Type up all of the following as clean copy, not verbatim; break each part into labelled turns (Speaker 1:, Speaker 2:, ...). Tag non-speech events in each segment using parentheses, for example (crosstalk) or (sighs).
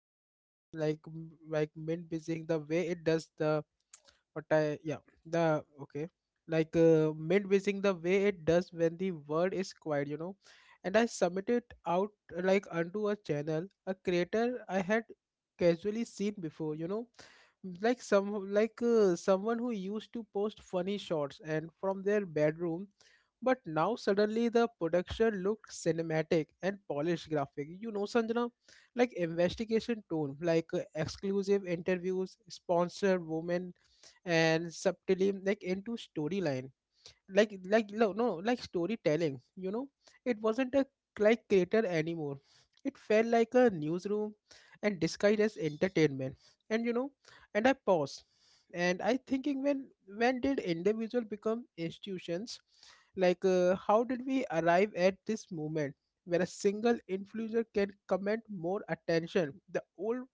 Speaker 1: halfway like mid busying the way it does, the what I, yeah, the okay, mid busying the way it does when the word is quiet, you know, and I submitted out, like onto a channel, a creator I had casually seen before, you know, like some someone who used to post funny shots and from their bedroom, but now suddenly the production looked cinematic and polished graphic, you know Sanjana, like investigation tone, exclusive interviews, sponsored women and subtly like into storyline, like no, like storytelling, you know. It wasn't a like creator anymore. It felt like a newsroom and disguised as entertainment. And you know, and I pause and I thinking, when did individual become institutions? How did we arrive at this moment where a single influencer can command more attention, the old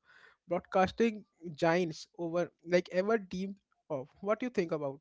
Speaker 1: broadcasting giants over like ever deemed of? What do you think about?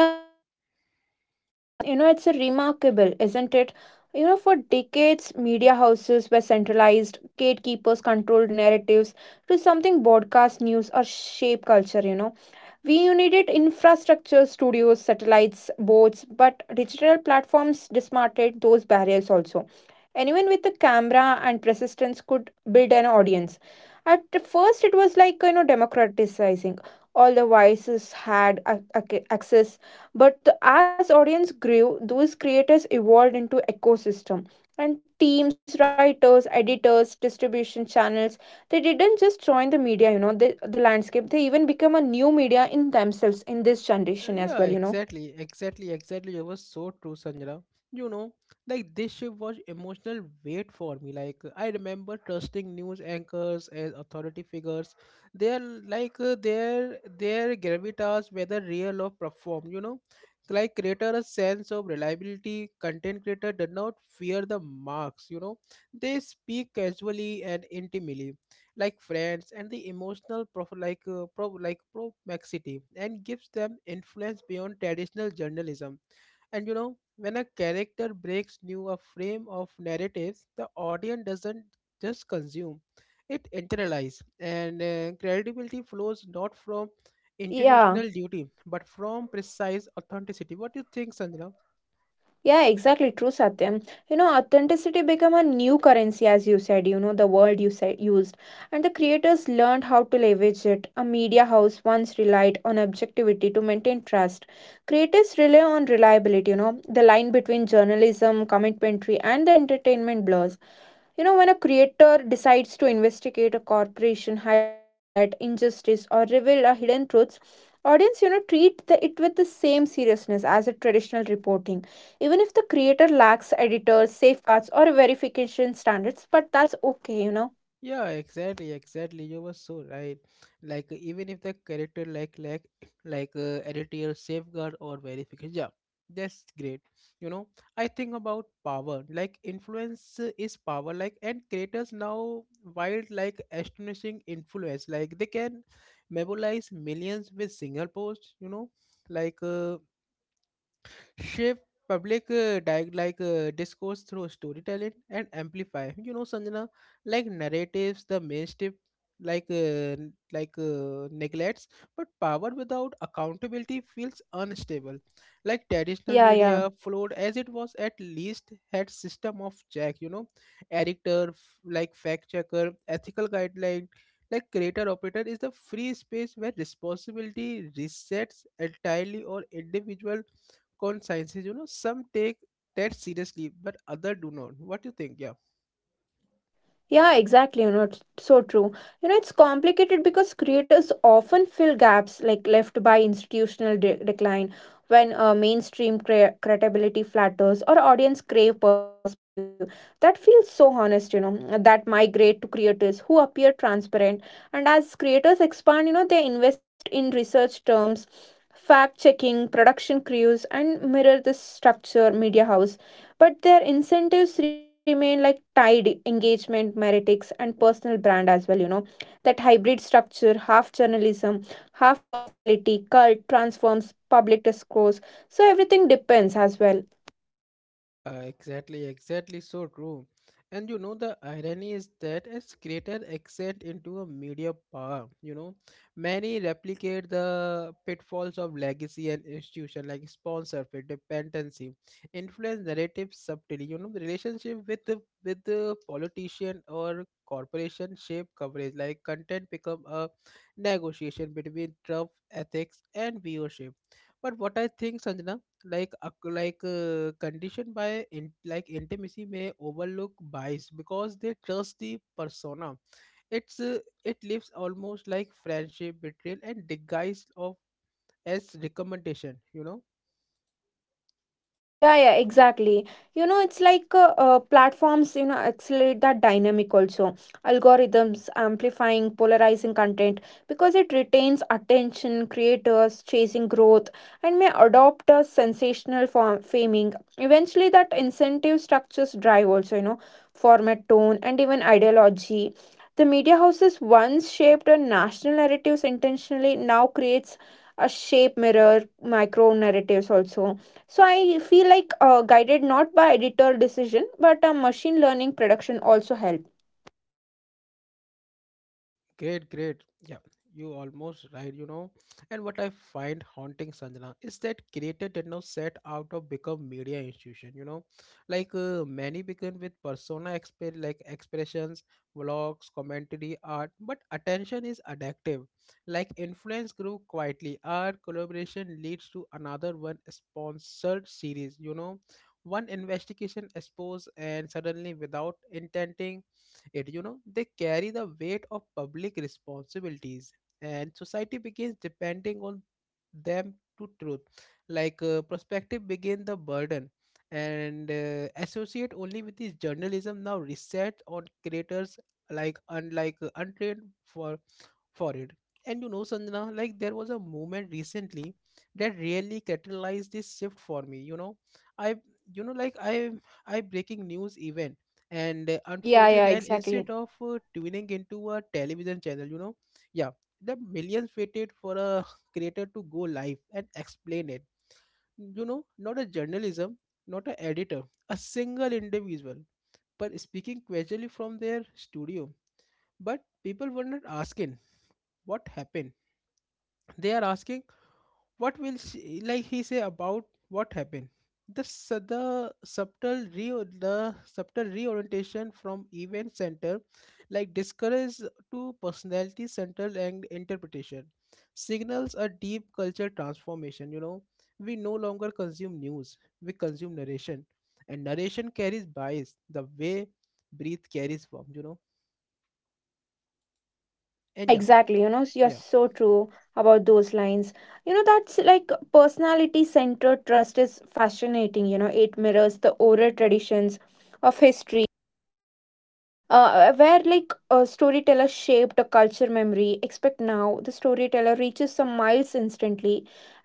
Speaker 2: Yeah, you know, true Satyam. You know, it's a remarkable, isn't it? You know, for decades, media houses were centralized, gatekeepers controlled narratives to something broadcast news or shape culture, you know. We needed infrastructure, studios, satellites, boards, but digital platforms dismantled those barriers also. Anyone with a camera and persistence could build an audience. At first, it was like, you know, democratizing all the voices had access but as audience grew those creators evolved into ecosystem and teams writers editors distribution channels they didn't just join the media you know the landscape they even become a new media in themselves in this generation
Speaker 1: Yeah,
Speaker 2: as well, you know.
Speaker 1: exactly, exactly, exactly. It was so true, Sanjana. You know, like this shift was emotional weight for me. Like I remember trusting news anchors as authority figures. They are their gravitas, whether real or performed. You know, like creator a sense of reliability. Content creator did not fear the marks. You know, they speak casually and intimately like friends, and the emotional proximity and gives them influence beyond traditional journalism. And you know, when a character breaks new a frame of narratives, the audience doesn't just consume, it internalize, and credibility flows not from
Speaker 2: Yeah.
Speaker 1: intentional duty but from precise authenticity. What do you think, Sanjana?
Speaker 2: Yeah, exactly. True, Satyam. You know, authenticity became a new currency, as you said, you know, the word you said used. And the creators learned how to leverage it. A media house once relied on objectivity to maintain trust. Creators rely on reliability, you know, the line between journalism, commentary, and the entertainment blurs. You know, when a creator decides to investigate a corporation, highlight injustice, or reveal a hidden truths, audience, you know, treat it with the same seriousness as a traditional reporting. Even if the creator lacks editors, safeguards, or verification standards, but that's okay, you know.
Speaker 1: Yeah, exactly, exactly. You were so right. Like even if the character editorial safeguard or verification, yeah, that's great. You know, I think about power. Like influence is power. Like and creators now wild like astonishing influence. Like they can mobilize millions with single post. You know, like. Shape public discourse through storytelling and amplify, you know Sanjana, like narratives the mainstream neglects. But power without accountability feels unstable. Like traditional
Speaker 2: Yeah.
Speaker 1: media flowed as it was, at least had system of check, you know, editor, fact checker, ethical guideline, like creator operator is the free space where responsibility resets entirely or individual. कौन science है जो ना some take test seriously but other do not what you think yeah.
Speaker 2: Yeah, exactly. You know, it's so true. You know, it's complicated because creators often fill gaps like left by institutional decline when mainstream credibility flatters or audience crave perspective. That feels so honest, you know, that migrate to creators who appear transparent. And as creators expand, you know, they invest in research terms, fact checking, production crews, and mirror the structure, media house but their incentives remain like tied engagement meritics and personal brand as well, you know, that hybrid structure half journalism half personality cult transforms public discourse so everything depends as well.
Speaker 1: Yeah, exactly, exactly, so true. And you know, the irony is that as creator accent into a media power, you know, many replicate the pitfalls of legacy and institution like sponsorship, dependency, influence narrative subtly, you know, the relationship with the politician or corporation shape coverage, like content become a negotiation between tough ethics and viewership. But what I think, Sanjana, like conditioned by in, like intimacy may overlook bias because they trust the persona. it's uh, it lives almost like friendship betrayal and disguise of as recommendation, you know.
Speaker 2: Yeah, exactly. You know, it's like platforms, you know, accelerate that dynamic also. Algorithms amplifying polarizing content because it retains attention, creators chasing growth, and may adopt a sensational form faming. Eventually, that incentive structures drive also, you know, format, tone, and even ideology. The media houses once shaped a national narratives intentionally, now creates a shape mirror micro narratives also so I feel like guided not by editor decision, but a machine learning production also help.
Speaker 1: Uh, great, great. Yeah, you almost right, you know. And what I find haunting, Sanjana, is that creator did not set out to become media institution, you know. Many begin with persona expressions, vlogs, commentary, art, but attention is addictive. Like influence grew quietly. Our collaboration leads to another one sponsored series, you know. One investigation exposed, and suddenly without intending it, you know, they carry the weight of public responsibilities, and society begins depending on them to truth, perspective begin the burden, and associate only with this journalism now reset on creators, like unlike untrained for it. And you know, Sanjana, like there was a moment recently that really catalyzed this shift for me. You know, I, you know, like I breaking news event and
Speaker 2: Yeah,
Speaker 1: unfolded,
Speaker 2: yeah,
Speaker 1: and instead
Speaker 2: exactly.
Speaker 1: of tuning into a television channel, you know, yeah, the millions waited for a (laughs) creator to go live and explain it. You know, not a journalism, not a editor, a single individual, but speaking casually from their studio. But people were not asking what happened, they are asking what will she, like he say about what happened. The subtle reorientation from event center like discourage to personality center and interpretation signals a deep culture transformation, you know. We no longer consume news, we consume narration, and narration carries bias the way breathe carries form, you know.
Speaker 2: Yeah,
Speaker 1: And yeah.
Speaker 2: exactly. You know, you're
Speaker 1: Yeah.
Speaker 2: so true about those lines. You know, that's like personality centered trust is fascinating. You know, it mirrors the oral traditions of history where like a storyteller shaped a culture memory expect now the storyteller reaches some miles instantly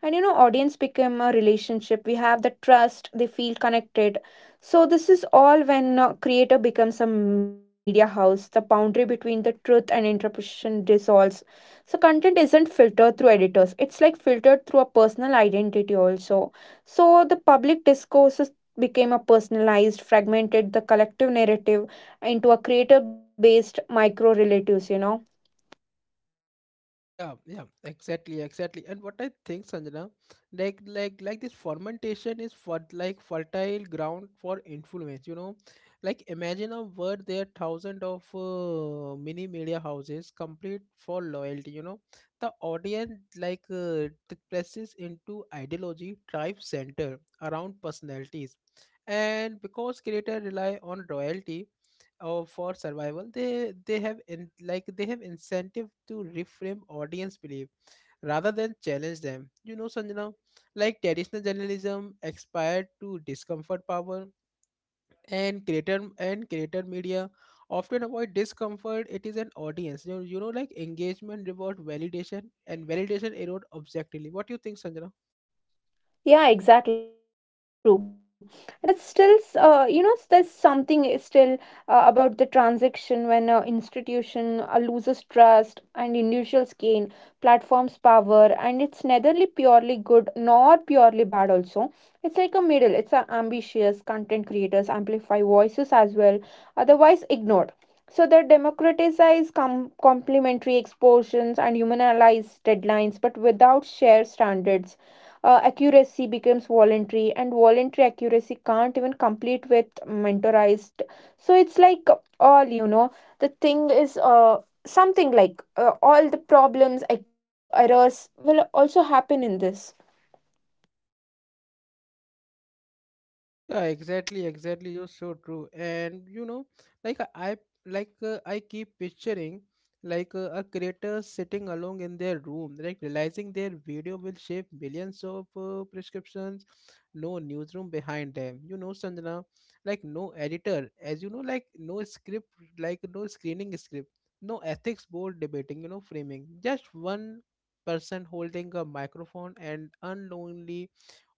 Speaker 2: and you know audience become a relationship we have the trust they feel connected so this is all when creator becomes a media house the boundary between the truth and interpretation dissolves so content isn't filtered through editors it's like filtered through a personal identity also so the public discourses became a personalized fragmented the collective narrative into a creator based micro relatives, you know.
Speaker 1: Yeah, yeah, exactly, exactly. And what I think, Sanjana, like this fermentation is for like fertile ground for influence, you know. Like imagine a world there thousands of mini media houses complete for loyalty, you know. The audience like presses into ideology, tribe center around personalities. And because creator rely on royalty or for survival, they have in, like they have incentive to reframe audience belief rather than challenge them, you know Sanjana. Like traditional journalism aspired to discomfort power, and creator media often avoid discomfort. It is an audience, you know, like engagement reward validation, and validation erode objectively. What do you think, Sanjana?
Speaker 2: Yeah, exactly. You know, so true. That's still, you know, there's something is still about the transaction when an institution loses trust and individuals gain platforms power, and it's neither purely good nor purely bad. Also, it's like a middle. It's a ambitious content creators amplify voices as well, otherwise ignored. So the democratize complementary exposures and humanize deadlines, but without shared standards accuracy becomes voluntary and voluntary accuracy can't even complete with mentorized so it's like all you know the thing is something like all the problems errors will also happen in this.
Speaker 1: Yeah, exactly, exactly. You're so true. And you know, like I I- I keep picturing a creator sitting alone in their room, like realizing their video will shape millions of prescriptions. No newsroom behind them, you know, Sanjana. Like no editor, as you know, like no script, like no screening script, no ethics board debating, you know, framing. Just one person holding a microphone and unknowingly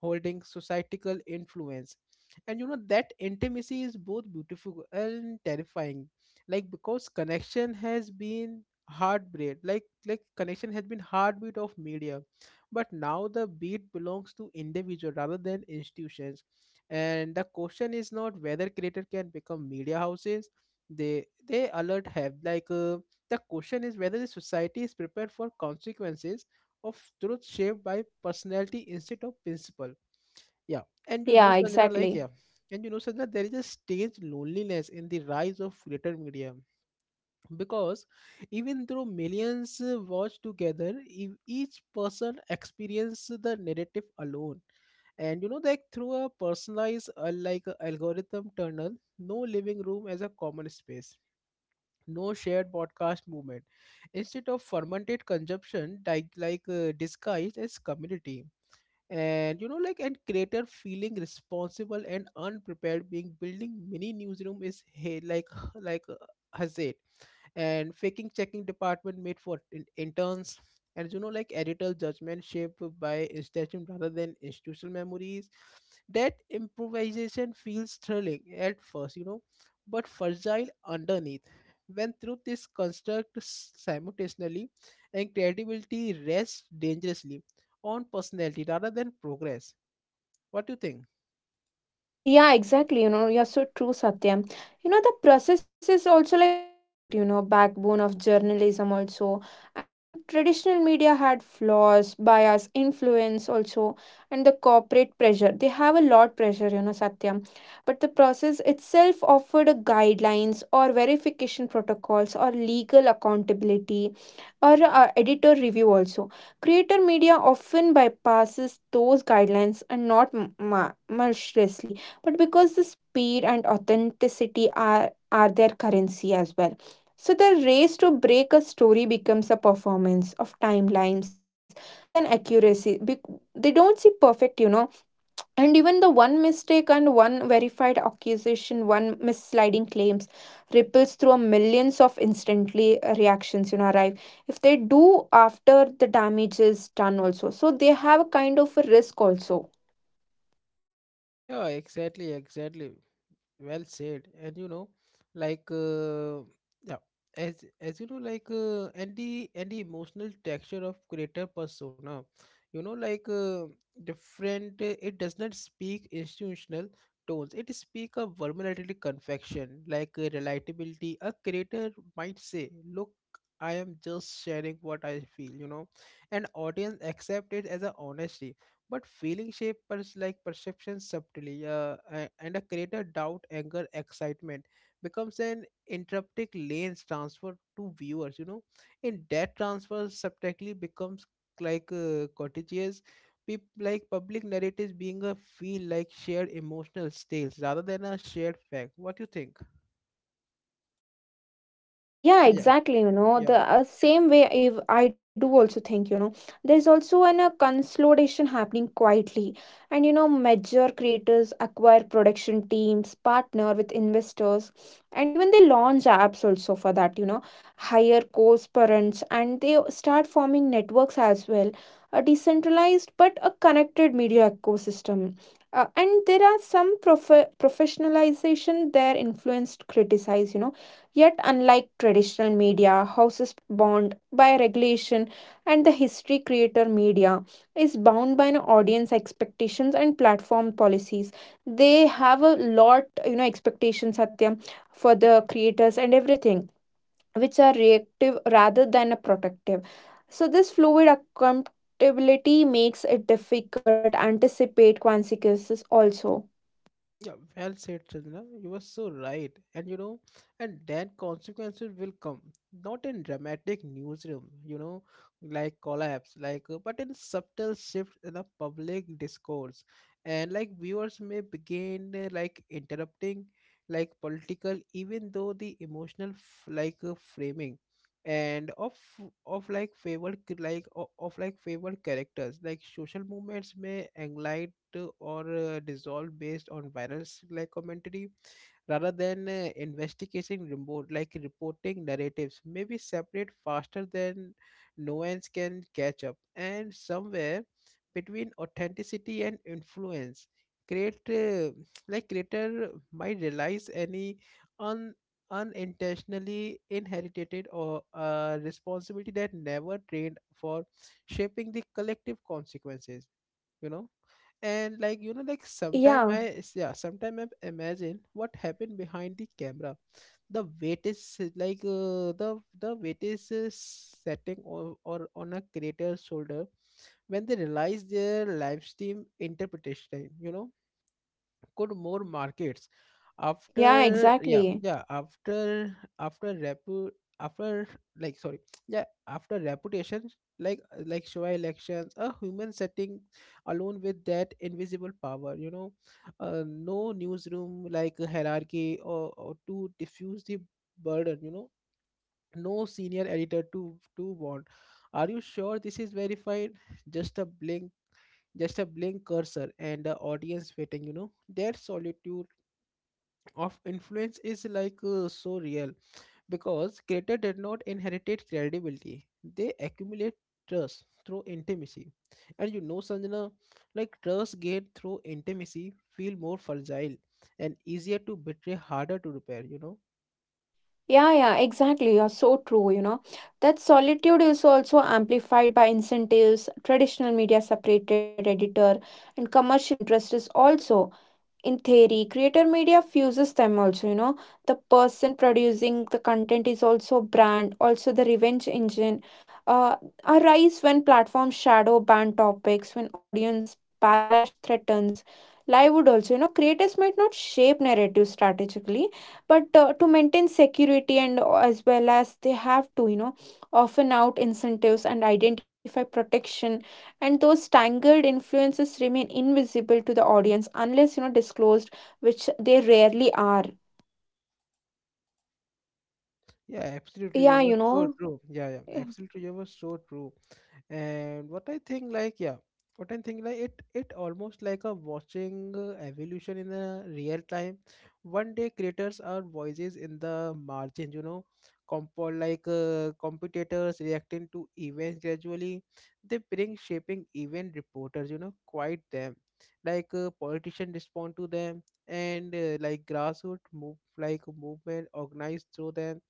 Speaker 1: holding societal influence. And you know that intimacy is both beautiful and terrifying, like because connection has been heartbeat, connection has been heartbeat of media, but now the beat belongs to individual rather than institutions. And the question is not whether creator can become media houses, they alert have the question is whether the society is prepared for consequences of truth shaped by personality instead of principle. Yeah. And you know
Speaker 2: Yeah,
Speaker 1: Sanjana like yeah.
Speaker 2: exactly.
Speaker 1: And you know, Sanjana, there is a strange loneliness in the rise of greater media, because even though millions watch together, each person experiences the narrative alone. And you know, like through a personalized, like a algorithm tunnel, no living room as a common space, no shared broadcast movement. Instead of fermented consumption, disguised as community. And you know like and creator feeling responsible and unprepared being building mini newsroom is hey like (sighs) like uh, hazard, and faking checking department made for interns. And you know like editorial judgment shaped by institution rather than institutional memories, that improvisation feels thrilling at first, you know, but fragile underneath, when truth is constructed simultaneously and credibility rests dangerously on personality rather than progress. What do you think?
Speaker 2: Yeah, exactly. You know, you're so true, Satyam. You know, the process is also like overlooked, you know, backbone of journalism also. And traditional media had flaws, bias, influence also, and the corporate pressure. They have a lot pressure, you know, Satyam. But the process itself offered a guidelines or verification protocols or legal accountability or editor review also. Creator media often bypasses those guidelines and not maliciously but because the speed and authenticity are their currency as well. So the race to break a story becomes a performance of timelines rather than accuracy. They don't see perfect, you know, and even the one mistake and one verified accusation, one misleading claims ripples through millions of instantly reactions, you know, arrive if they do after the damage is done also. So they have a kind of a risk also.
Speaker 1: Yeah, exactly, exactly. Well said. And you know like uh, yeah, as you know and the emotional texture of creator persona, you know, different, it does not speak institutional tones, it speak a vulnerability confection, relatability. A creator might say, look, I am just sharing what I feel, you know, and audience accept it as a honesty. But feeling shape perception subtly, and a greater doubt anger excitement becomes an interruptic lens transfer to viewers, you know. In that transfer subtly becomes cottages, public narratives being a feel like shared emotional tales rather than a shared fact. What do you think?
Speaker 2: Yeah,
Speaker 1: Yeah.
Speaker 2: exactly. You know,
Speaker 1: Yeah.
Speaker 2: the same way if I do also think, you know, there's also an a consolidation happening quietly. And, you know, major creators acquire production teams, partner with investors, and even they launch apps also for that, you know, hire co-parents, and they start forming networks as well. A decentralized but a connected media ecosystem. And there are some professionalization their influence criticized, you know. Yet, unlike traditional media, houses bound by regulation, and the history creator media is bound by an audience expectations and platform policies. They have a lot, you know, expectations, Satya, for the creators and everything, which are reactive rather than a protective. So this fluid accountability makes it difficult to anticipate consequences also.
Speaker 1: Yeah, well said, Chandra. You were so right. And you know, and then consequences will come. Not in dramatic newsroom, you know, like collapse, like, but in subtle shift in the public discourse. And like viewers may begin like interrupting, like political, even though the emotional, like, framing and of like favored like of like favored characters, like social movements may enlight or dissolve based on viral like commentary rather than investigating remote, like reporting narratives may be separate faster than nuance can catch up, and somewhere between authenticity and influence create like creator might realize any unintentionally inherited or a responsibility that never trained for, shaping the collective consequences. you know and like you know like sometime i
Speaker 2: Yeah,
Speaker 1: s- yeah sometime I imagine what happened behind the camera. The weight is the weight is setting or on a creator's shoulder when they realize their live stream interpretation, could more markets
Speaker 2: yeah,
Speaker 1: after
Speaker 2: exactly.
Speaker 1: after after repu after, like, sorry, yeah, after reputation, like like Showa elections, a human setting alone with that invisible power. No newsroom, like hierarchy or to diffuse the burden. No senior editor to bond, are you sure this is verified? Just a blink, just a blink cursor, and the audience waiting. You know their solitude of influence is like so real because creator did not inherit credibility. They accumulate trust through intimacy. And you know, Sanjana, like trust gained through intimacy feel more fragile and easier to betray, harder to repair.
Speaker 2: Yeah, exactly. You're so true, you know. That solitude is also amplified by incentives, traditional media separated editor, and commercial interests also in theory creator media fuses them also, you know, the person producing the content is also brand also the revenge engine uh, arise when platforms shadow ban topics when audience backlash threatens livelihood also you know creators might not shape narrative strategically but to maintain security and as well as they have to, you know, often out incentives and identify protection and those tangled influences remain invisible to the audience unless you know disclosed which they rarely are.
Speaker 1: Yeah, absolutely, you
Speaker 2: Yeah,
Speaker 1: were
Speaker 2: you
Speaker 1: so
Speaker 2: know.
Speaker 1: true. Yeah, absolutely, you were so true. And what I think, like, it almost like a watching evolution in the real time. One day creators are voices in the margins. Compo Like competitors reacting to events gradually, they bring shaping event reporters, quiet them, like politicians respond to them, and like grassroots move like movement organized through them.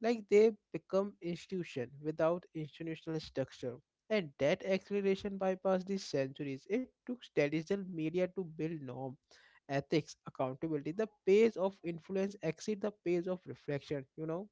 Speaker 1: Like they become institution without institutional structure. And that acceleration bypassed the centuries. It took traditional media to build norm, ethics, accountability. The pace of influence exceed the pace of reflection, you know.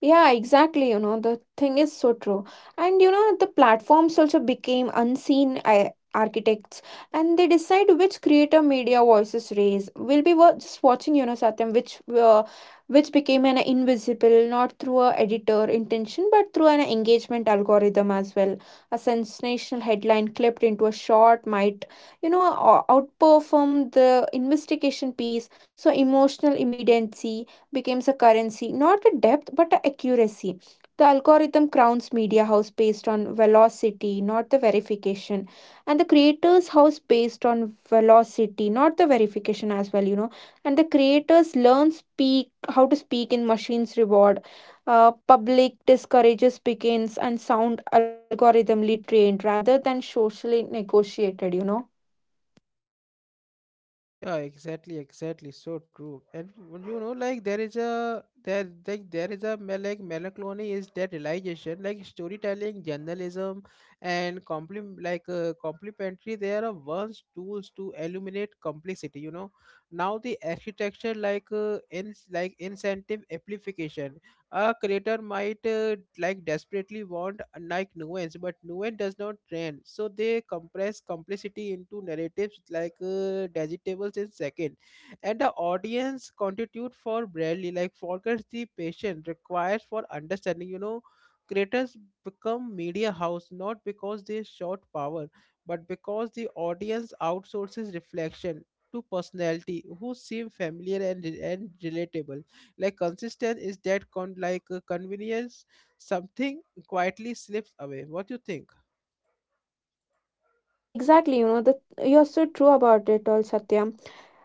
Speaker 2: Yeah, exactly. You know, the thing is so true. And you know, the platforms also became unseen architects and they decide which creator media voices raise. We'll be just watching, you know, Satyam, which became an invisible, not through a editor intention, but through an engagement algorithm as well. A sensational headline clipped into a short might, you know, outperform the investigation piece. So emotional immediacy becomes a currency, not the depth but the accuracy. The algorithm crowns media house based on velocity, not the verification, and the creators house based on velocity, not the verification as well, you know. And the creators learn speak how to speak in machines reward. Public discourages begins and sound algorithmically trained rather than socially negotiated, you know.
Speaker 1: Yeah, exactly, exactly. So true. And you know, like there is a, there like there is a like melancholy is that realization, like storytelling, journalism, and compliment like complementary. They are once tools to illuminate complexity. You know, now the architecture, like in like incentive amplification. A creator might like desperately want like nuance, but nuance does not trend, so they compress complexity into narratives, like digestibles in second, and the audience constitute for, barely, like forgets the patient requires for understanding. Creators become media house not because they short power, but because the audience outsources reflection to personality who seem familiar and relatable, like consistent is that like convenience, something quietly slips away. What you think?
Speaker 2: Yeah, exactly. You know, the you're so true about it all, Satya.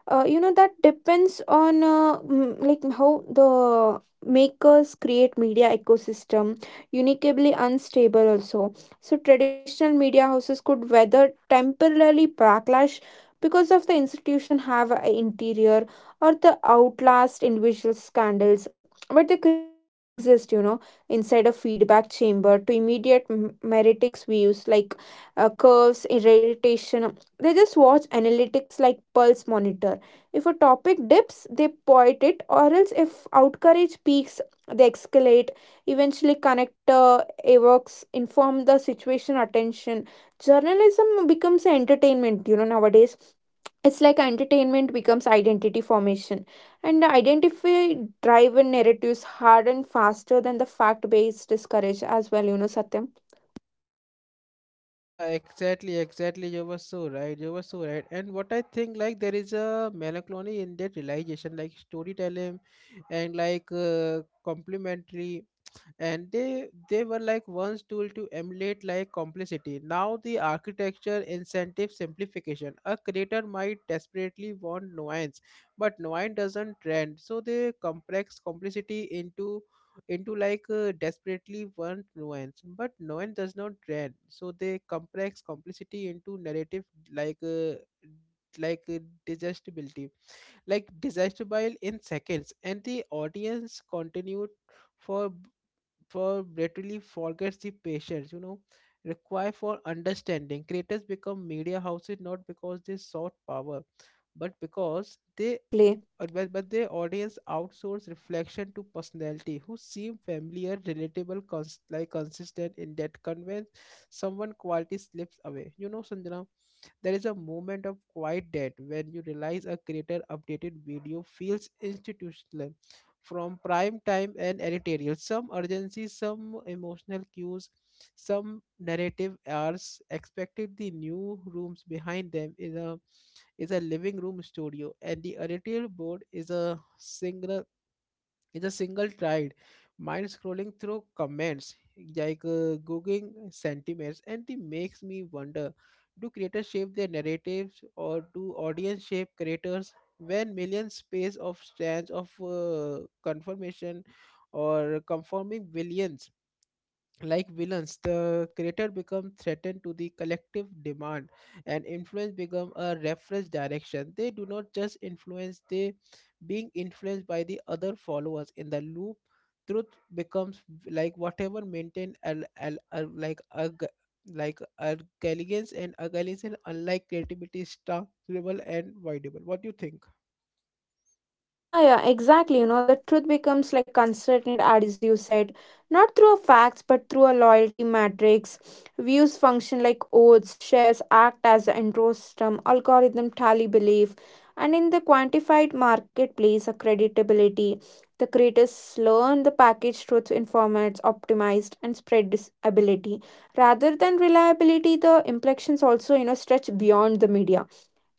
Speaker 2: You know that depends on like how the makers create media ecosystem uniquely unstable also so traditional media houses could weather temporarily backlash because of the institution have a interior or the outlast individual scandals but the creators exist, you know, inside a feedback chamber to immediate meritics views like curves irritation they just watch analytics like pulse monitor if a topic dips, they point it, or else if outcourage peaks, they escalate. Eventually, connector evokes, inform the situation, attention. Journalism becomes entertainment, you know, nowadays. It's like entertainment becomes identity formation. And identify driven narratives harden faster than the fact based discourage as well, you know, Satyam.
Speaker 1: Yeah, exactly, exactly, you were so right, you were so right. And what I think, like, there is a melancholy in that realization, like storytelling and like complementary. And they were like once tool to emulate like complexity. Now the architecture incentive simplification, a creator might desperately want nuance but nuance doesn't trend, so they complex complexity into like desperately want nuance but nuance does not trend, so they complex complexity into narrative, like like uh, digestibility, like digestible in seconds, and the audience continued for for literally forgets the patience require for understanding. Creators become media houses not because they sought power, but because
Speaker 2: Yeah,
Speaker 1: they
Speaker 2: exactly.
Speaker 1: but their audience outsource reflection to personality who seem familiar, relatable, like consistent in that convince, someone quality slips away, you know, Sanjana. There is a moment of quiet death when you realize a creator updated video feels institutional, from prime time and editorial. Some urgency, some emotional cues, some narrative arcs expected the new rooms behind them is a, is a living room studio, and the editorial board is a single, in a single tide mind scrolling through comments, like googling sentiments, and it makes me wonder, do creators shape their narratives, or do audience shape creators? When millions space of strands of confirmation or conforming billions, like villains, the creator become threatened to the collective demand, and influence become a reference direction. They do not just influence, they being influenced by the other followers in the loop. Truth becomes like whatever maintained like like arrogance. And arrogance, unlike creativity, is tangible and voidable. What do you think?
Speaker 2: Yeah, exactly. You know, the truth becomes like uncertain, as you said, not through facts, but through a loyalty matrix. Views function like oaths, shares act as an intro system, algorithm tally belief, and in the quantified marketplace, a creditability. The creators learn the package truth in formats optimized and spread this rather than reliability, the implications also, you know, stretch beyond the media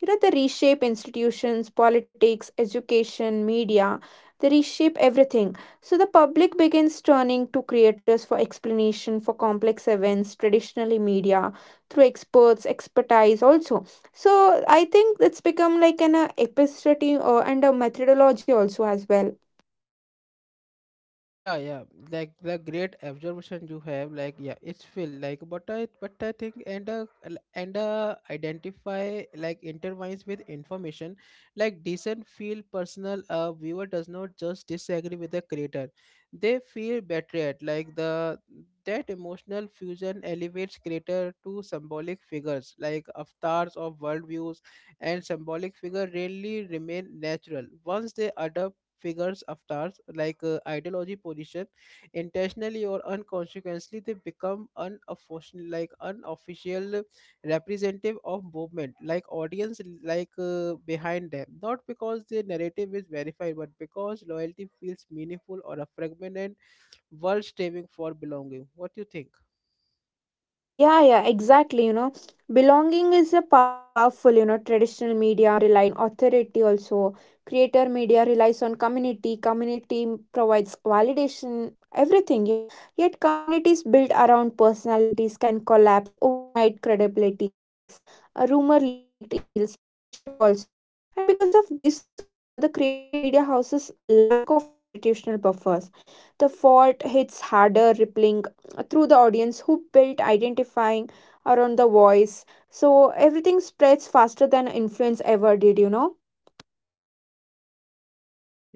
Speaker 2: you know they reshape institutions politics education media they reshape everything so the public begins turning to creators for explanation for complex events traditionally media through experts expertise also so I think it's become like an epistemology or and a methodology also as well.
Speaker 1: Yeah, like, the great observation you have, like, yeah, it's feel like, but I think, and identify like intertwines with information. Like decent feel personal. A viewer does not just disagree with the creator, they feel betrayed, like the, that emotional fusion elevates creator to symbolic figures, like avatars of worldviews. And symbolic figure rarely remain natural once they adopt figures avatars, like ideology position, intentionally or unconsciously. They become unofficial, like unofficial representative of movement, like audience, like behind them not because the narrative is verified, but because loyalty feels meaningful or a fragmented world striving for belonging. What do you think?
Speaker 2: Yeah, exactly. You know, belonging is a powerful, you know, traditional media relied on authority also. Creator media relies on community, community provides validation, everything, you know. Yet communities built around personalities can collapse overnight, credibility cracks, a rumor leaked email, sponsorship also. And because of this all, you know, the creator media houses lack of institutional buffers. The fault hits harder, rippling through the audience who built identifying around the voice so everything spreads faster than influence ever did, you know.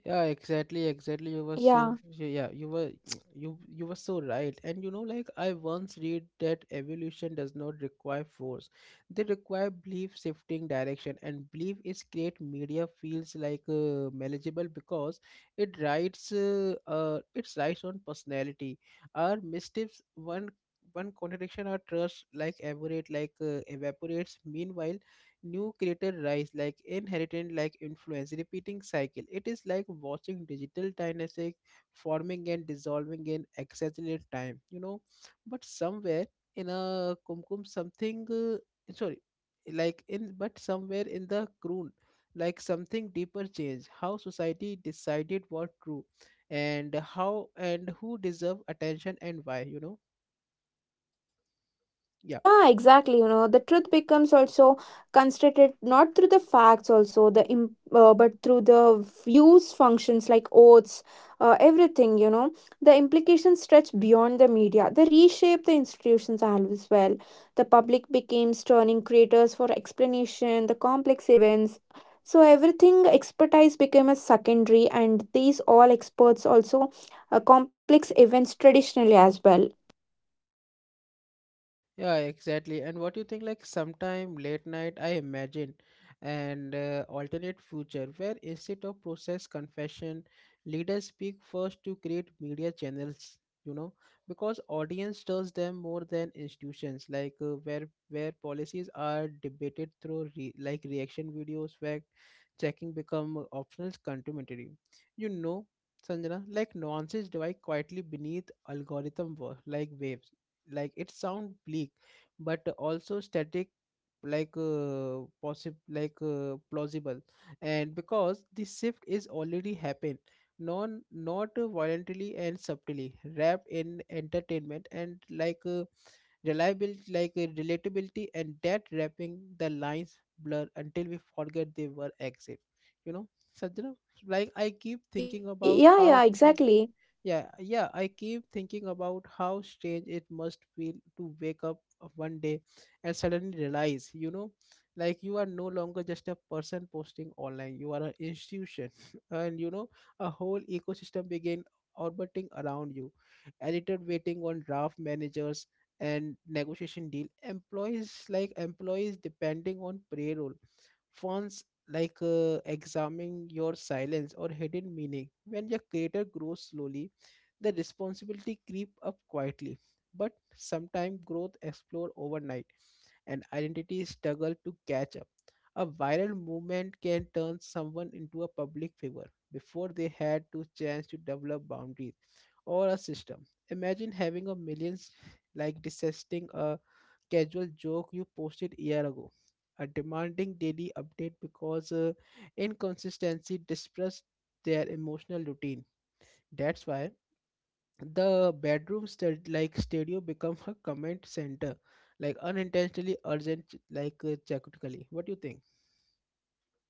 Speaker 1: Yeah, exactly, exactly. You were so,
Speaker 2: Yeah.
Speaker 1: yeah, you were (tsk) you were so right. And you know, like, I once read that evolution does not require force. They require belief shifting direction, and belief is great. Media feels like manageable because it writes on personality. Our missteps, one contradiction, or trust like evaporate, like evaporates. Meanwhile new creator rise like inheritance, like influence, repeating cycle. It is like watching digital dynastic forming and dissolving in accelerated time, you know. But somewhere in a kumkum, something sorry, like, in, but somewhere in the croon, like something deeper change how society decided what true, and how and who deserve attention and why, you know. Yeah.
Speaker 2: Yeah, exactly. You know, the truth becomes also constructed not through the facts, also the but through the views, functions like oaths, everything. You know, the implications stretch beyond the media. They reshape the institutions as well. The public becomes turning creators for explanation, the complex events. So everything expertise became a secondary, and these all experts also complex events traditionally as well.
Speaker 1: Yeah, exactly. And what do you think, like sometime late night, I imagine an alternate future where instead of process confession, leaders speak first to create media channels, you know, because audience does them more than institutions, like where policies are debated through re like reaction videos, where checking become optional commentary. You know, Sanjana, like nuances divide quietly beneath algorithm like waves. Like it sound bleak, but also static, like possible, like plausible. And because this shift is already happened, non, not violently and subtly wrapped in entertainment and, like reliability, like relatability, and that wrapping, the lines blur until we forget they were exit, you know, Sajna, like I keep thinking
Speaker 2: Y-
Speaker 1: about
Speaker 2: yeah,
Speaker 1: how,
Speaker 2: yeah, exactly.
Speaker 1: yeah, yeah, I keep thinking about how strange it must feel to wake up one day and suddenly realize, you know, like, you are no longer just a person posting online, you are an institution, (laughs) and you know, a whole ecosystem begin orbiting around you. Editor waiting on draft managers and negotiation deal, employees, like employees depending on payroll, fonts, like examining your silence or hidden meaning. When your creator grows slowly, the responsibility creep up quietly. But sometimes growth explode overnight and identity struggle to catch up. A viral movement can turn someone into a public figure before they had to chance to develop boundaries or a system. Imagine having a millions, like digesting a casual joke you posted a year ago. A demanding daily update because inconsistency disrupts their emotional routine. That's why the bedroom stud like studio become a comment center, like unintentionally urgent, like technically. What do you think?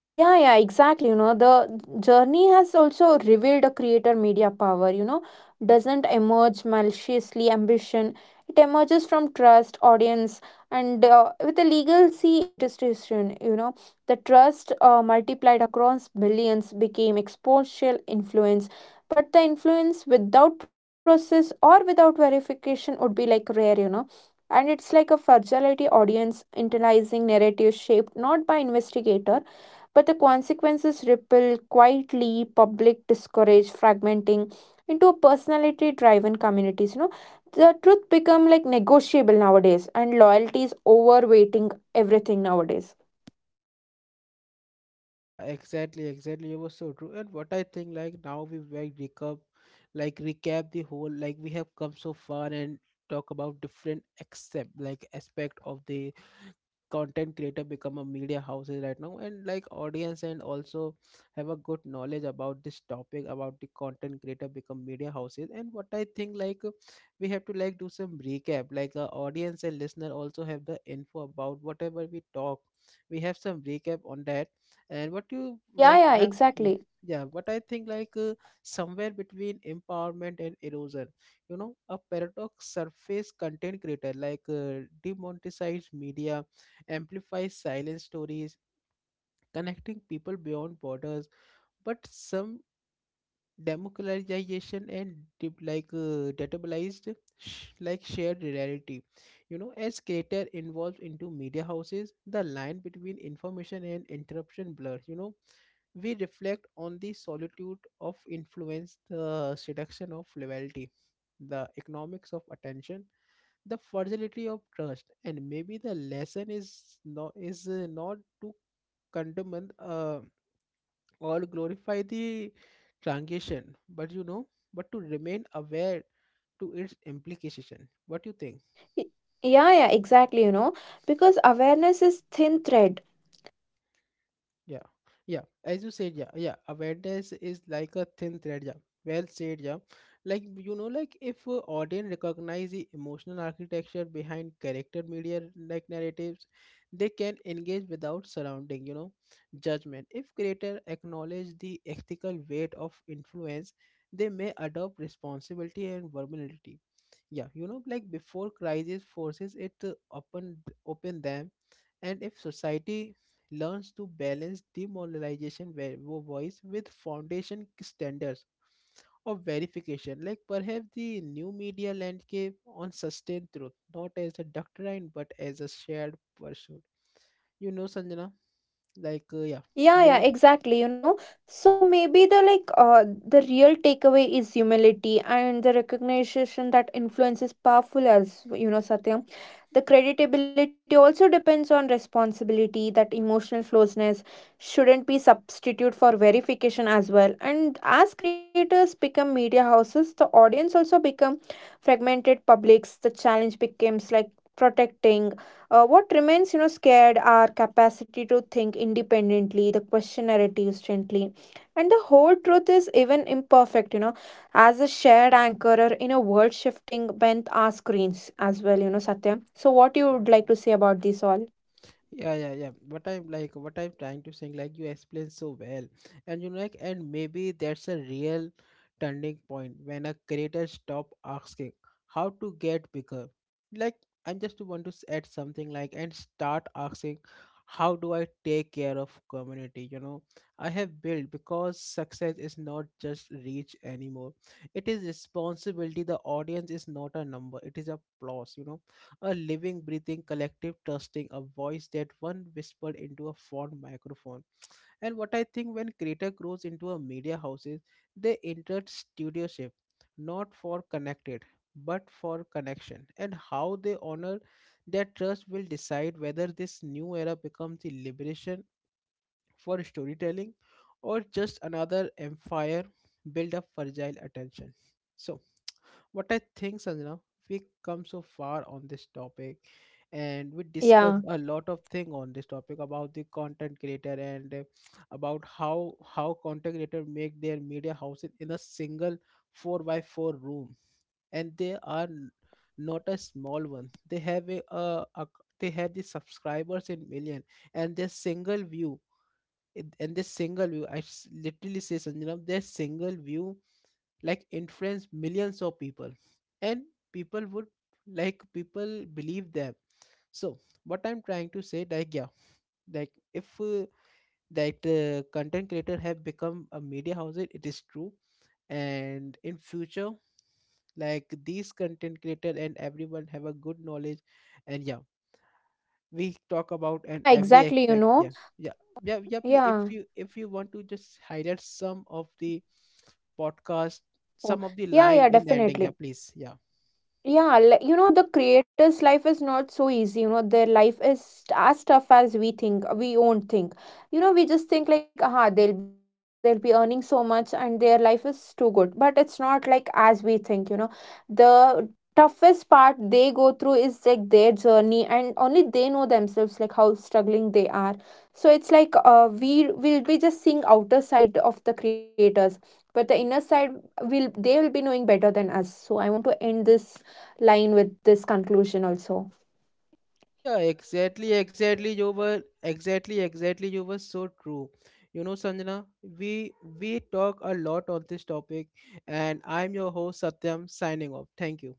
Speaker 2: Yeah, exactly. You know, the journey has also revealed a creator media power, you know, doesn't emerge maliciously ambition. It emerges from trust, audience, and with a legacy institution, you know, the trust multiplied across billions became exponential influence. But the influence without process or without verification would be like rare, you know. And it's like a fragility audience internalizing narrative shaped not by investigator but the consequences ripple quietly, public discourage fragmenting into a personality driven communities. You know, the truth become like negotiable nowadays and loyalty is overweighting everything nowadays.
Speaker 1: Yeah, exactly, exactly. It was so true. And what I think, like, now we like recap the whole, like we have come so far and talk about different accept like aspect of the content creator become a media houses right now, and like audience and also have a good knowledge about this topic about the content creator become media houses. And what I think, like we have to like do some recap, like audience and listener also have the info about whatever we talk, we have some recap on that. And what you
Speaker 2: Yeah,
Speaker 1: like,
Speaker 2: yeah,
Speaker 1: I'm, yeah,
Speaker 2: exactly.
Speaker 1: yeah, what I think, like somewhere between empowerment and erosion, you know, a paradox surface. Content creator, like demonetized media, amplifies silent stories, connecting people beyond borders. But some democratization and like databolized like shared reality, you know, as creator involved into media houses, the line between information and interruption blurs, you know. We reflect on the solitude of influence, the seduction of loyalty, the economics of attention, the fragility of trust. And maybe the lesson is not, is not to condemn or glorify the transition, but you know, but to remain aware to its implication. What you think?
Speaker 2: Y- yeah, exactly, you know, because awareness is thin thread.
Speaker 1: Yeah, yeah. As you said, yeah, yeah. Awareness is like a thin thread. Yeah, well said. Yeah, like, you know, like if audience recognize the emotional architecture behind character media, like narratives, they can engage without surrounding, you know, judgment. If creator acknowledge the ethical weight of influence, they may adopt responsibility and vulnerability, yeah, you know, like before crisis forces it to open, open them. And if society learns to balance demoralization, voice with foundation standards of verification, like perhaps the new media landscape on sustained truth, not as a doctrine but as a shared pursuit, you know, Sanjana, like yeah.
Speaker 2: Yeah, exactly. You know, so maybe the like the real takeaway is humility and the recognition that influence is powerful as you know, Satyam. The creditability also depends on responsibility, that emotional closeness shouldn't be substitute for verification as well. And as creators become media houses, the audience also become fragmented publics. The challenge becomes like protecting what remains, you know, scared are capacity to think independently, the question narratives gently, and the whole truth is even imperfect, you know, as a shared anchor or in a world shifting bent our screens as well, you know, Satyam. So, what you would like to say about this all?
Speaker 1: Yeah, yeah, yeah. What I'm like, what I'm trying to saying, like you explain so well, and you know, like, and maybe that's a real turning point when a creator stop asking how to get bigger. Like, I just want to add something, like, and start asking how do I take care of community. You know, I have built, because success is not just reach anymore. It is responsibility. The audience is not a number. It is a plus. You know, a living, breathing, collective, trusting, a voice that one whispered into a phone microphone. And what I think, when creator grows into a media houses, they entered studioship, not for connected, but for connection. And how they honor that trust will decide whether this new era becomes the liberation for storytelling, or just another empire built up fragile attention. So what I think, Sanjana, we come so far on this topic, and we discuss
Speaker 2: Yeah,
Speaker 1: a lot of thing on this topic about the content creator, and about how content creator make their media houses in a single 4 by 4 room, and they are not a small one. They have a, a, they have the subscribers in million, and their single view, and this single view, I literally say, Sanjana, their single view like influence millions of people, and people would, like people believe them. So what I'm trying to say, like, yeah, like if that content creator have become a media house, it is true. And in future, like these content creator and everyone have a good knowledge, and yeah, we talk about and
Speaker 2: yeah,
Speaker 1: every
Speaker 2: exactly, you
Speaker 1: aspect.
Speaker 2: know.
Speaker 1: Yeah, yeah, yeah, yeah. Please, if
Speaker 2: Yeah.
Speaker 1: you, if you want to just highlight some of the podcast,
Speaker 2: Oh,
Speaker 1: some of the
Speaker 2: yeah,
Speaker 1: line in the ending,
Speaker 2: definitely.
Speaker 1: yeah, please, yeah.
Speaker 2: Yeah, you know, the creator's life is not so easy. You know, their life is as tough as we think, we won't think. You know, we just think like, aha, they'll be creators, they'll be earning so much, and their life is too good. But it's not like as we think, you know. The toughest part they go through is like their journey, and only they know themselves, like how struggling they are. So it's like, we will be just seeing outer side of the creators, but the inner side will, they will be knowing better than us. So I want to end this line with this conclusion also.
Speaker 1: Yeah, exactly, exactly. You were exactly, exactly. You were so true. You know, Sanjana, we we talk a lot on this topic, and I'm your host Satyam signing off. Thank you.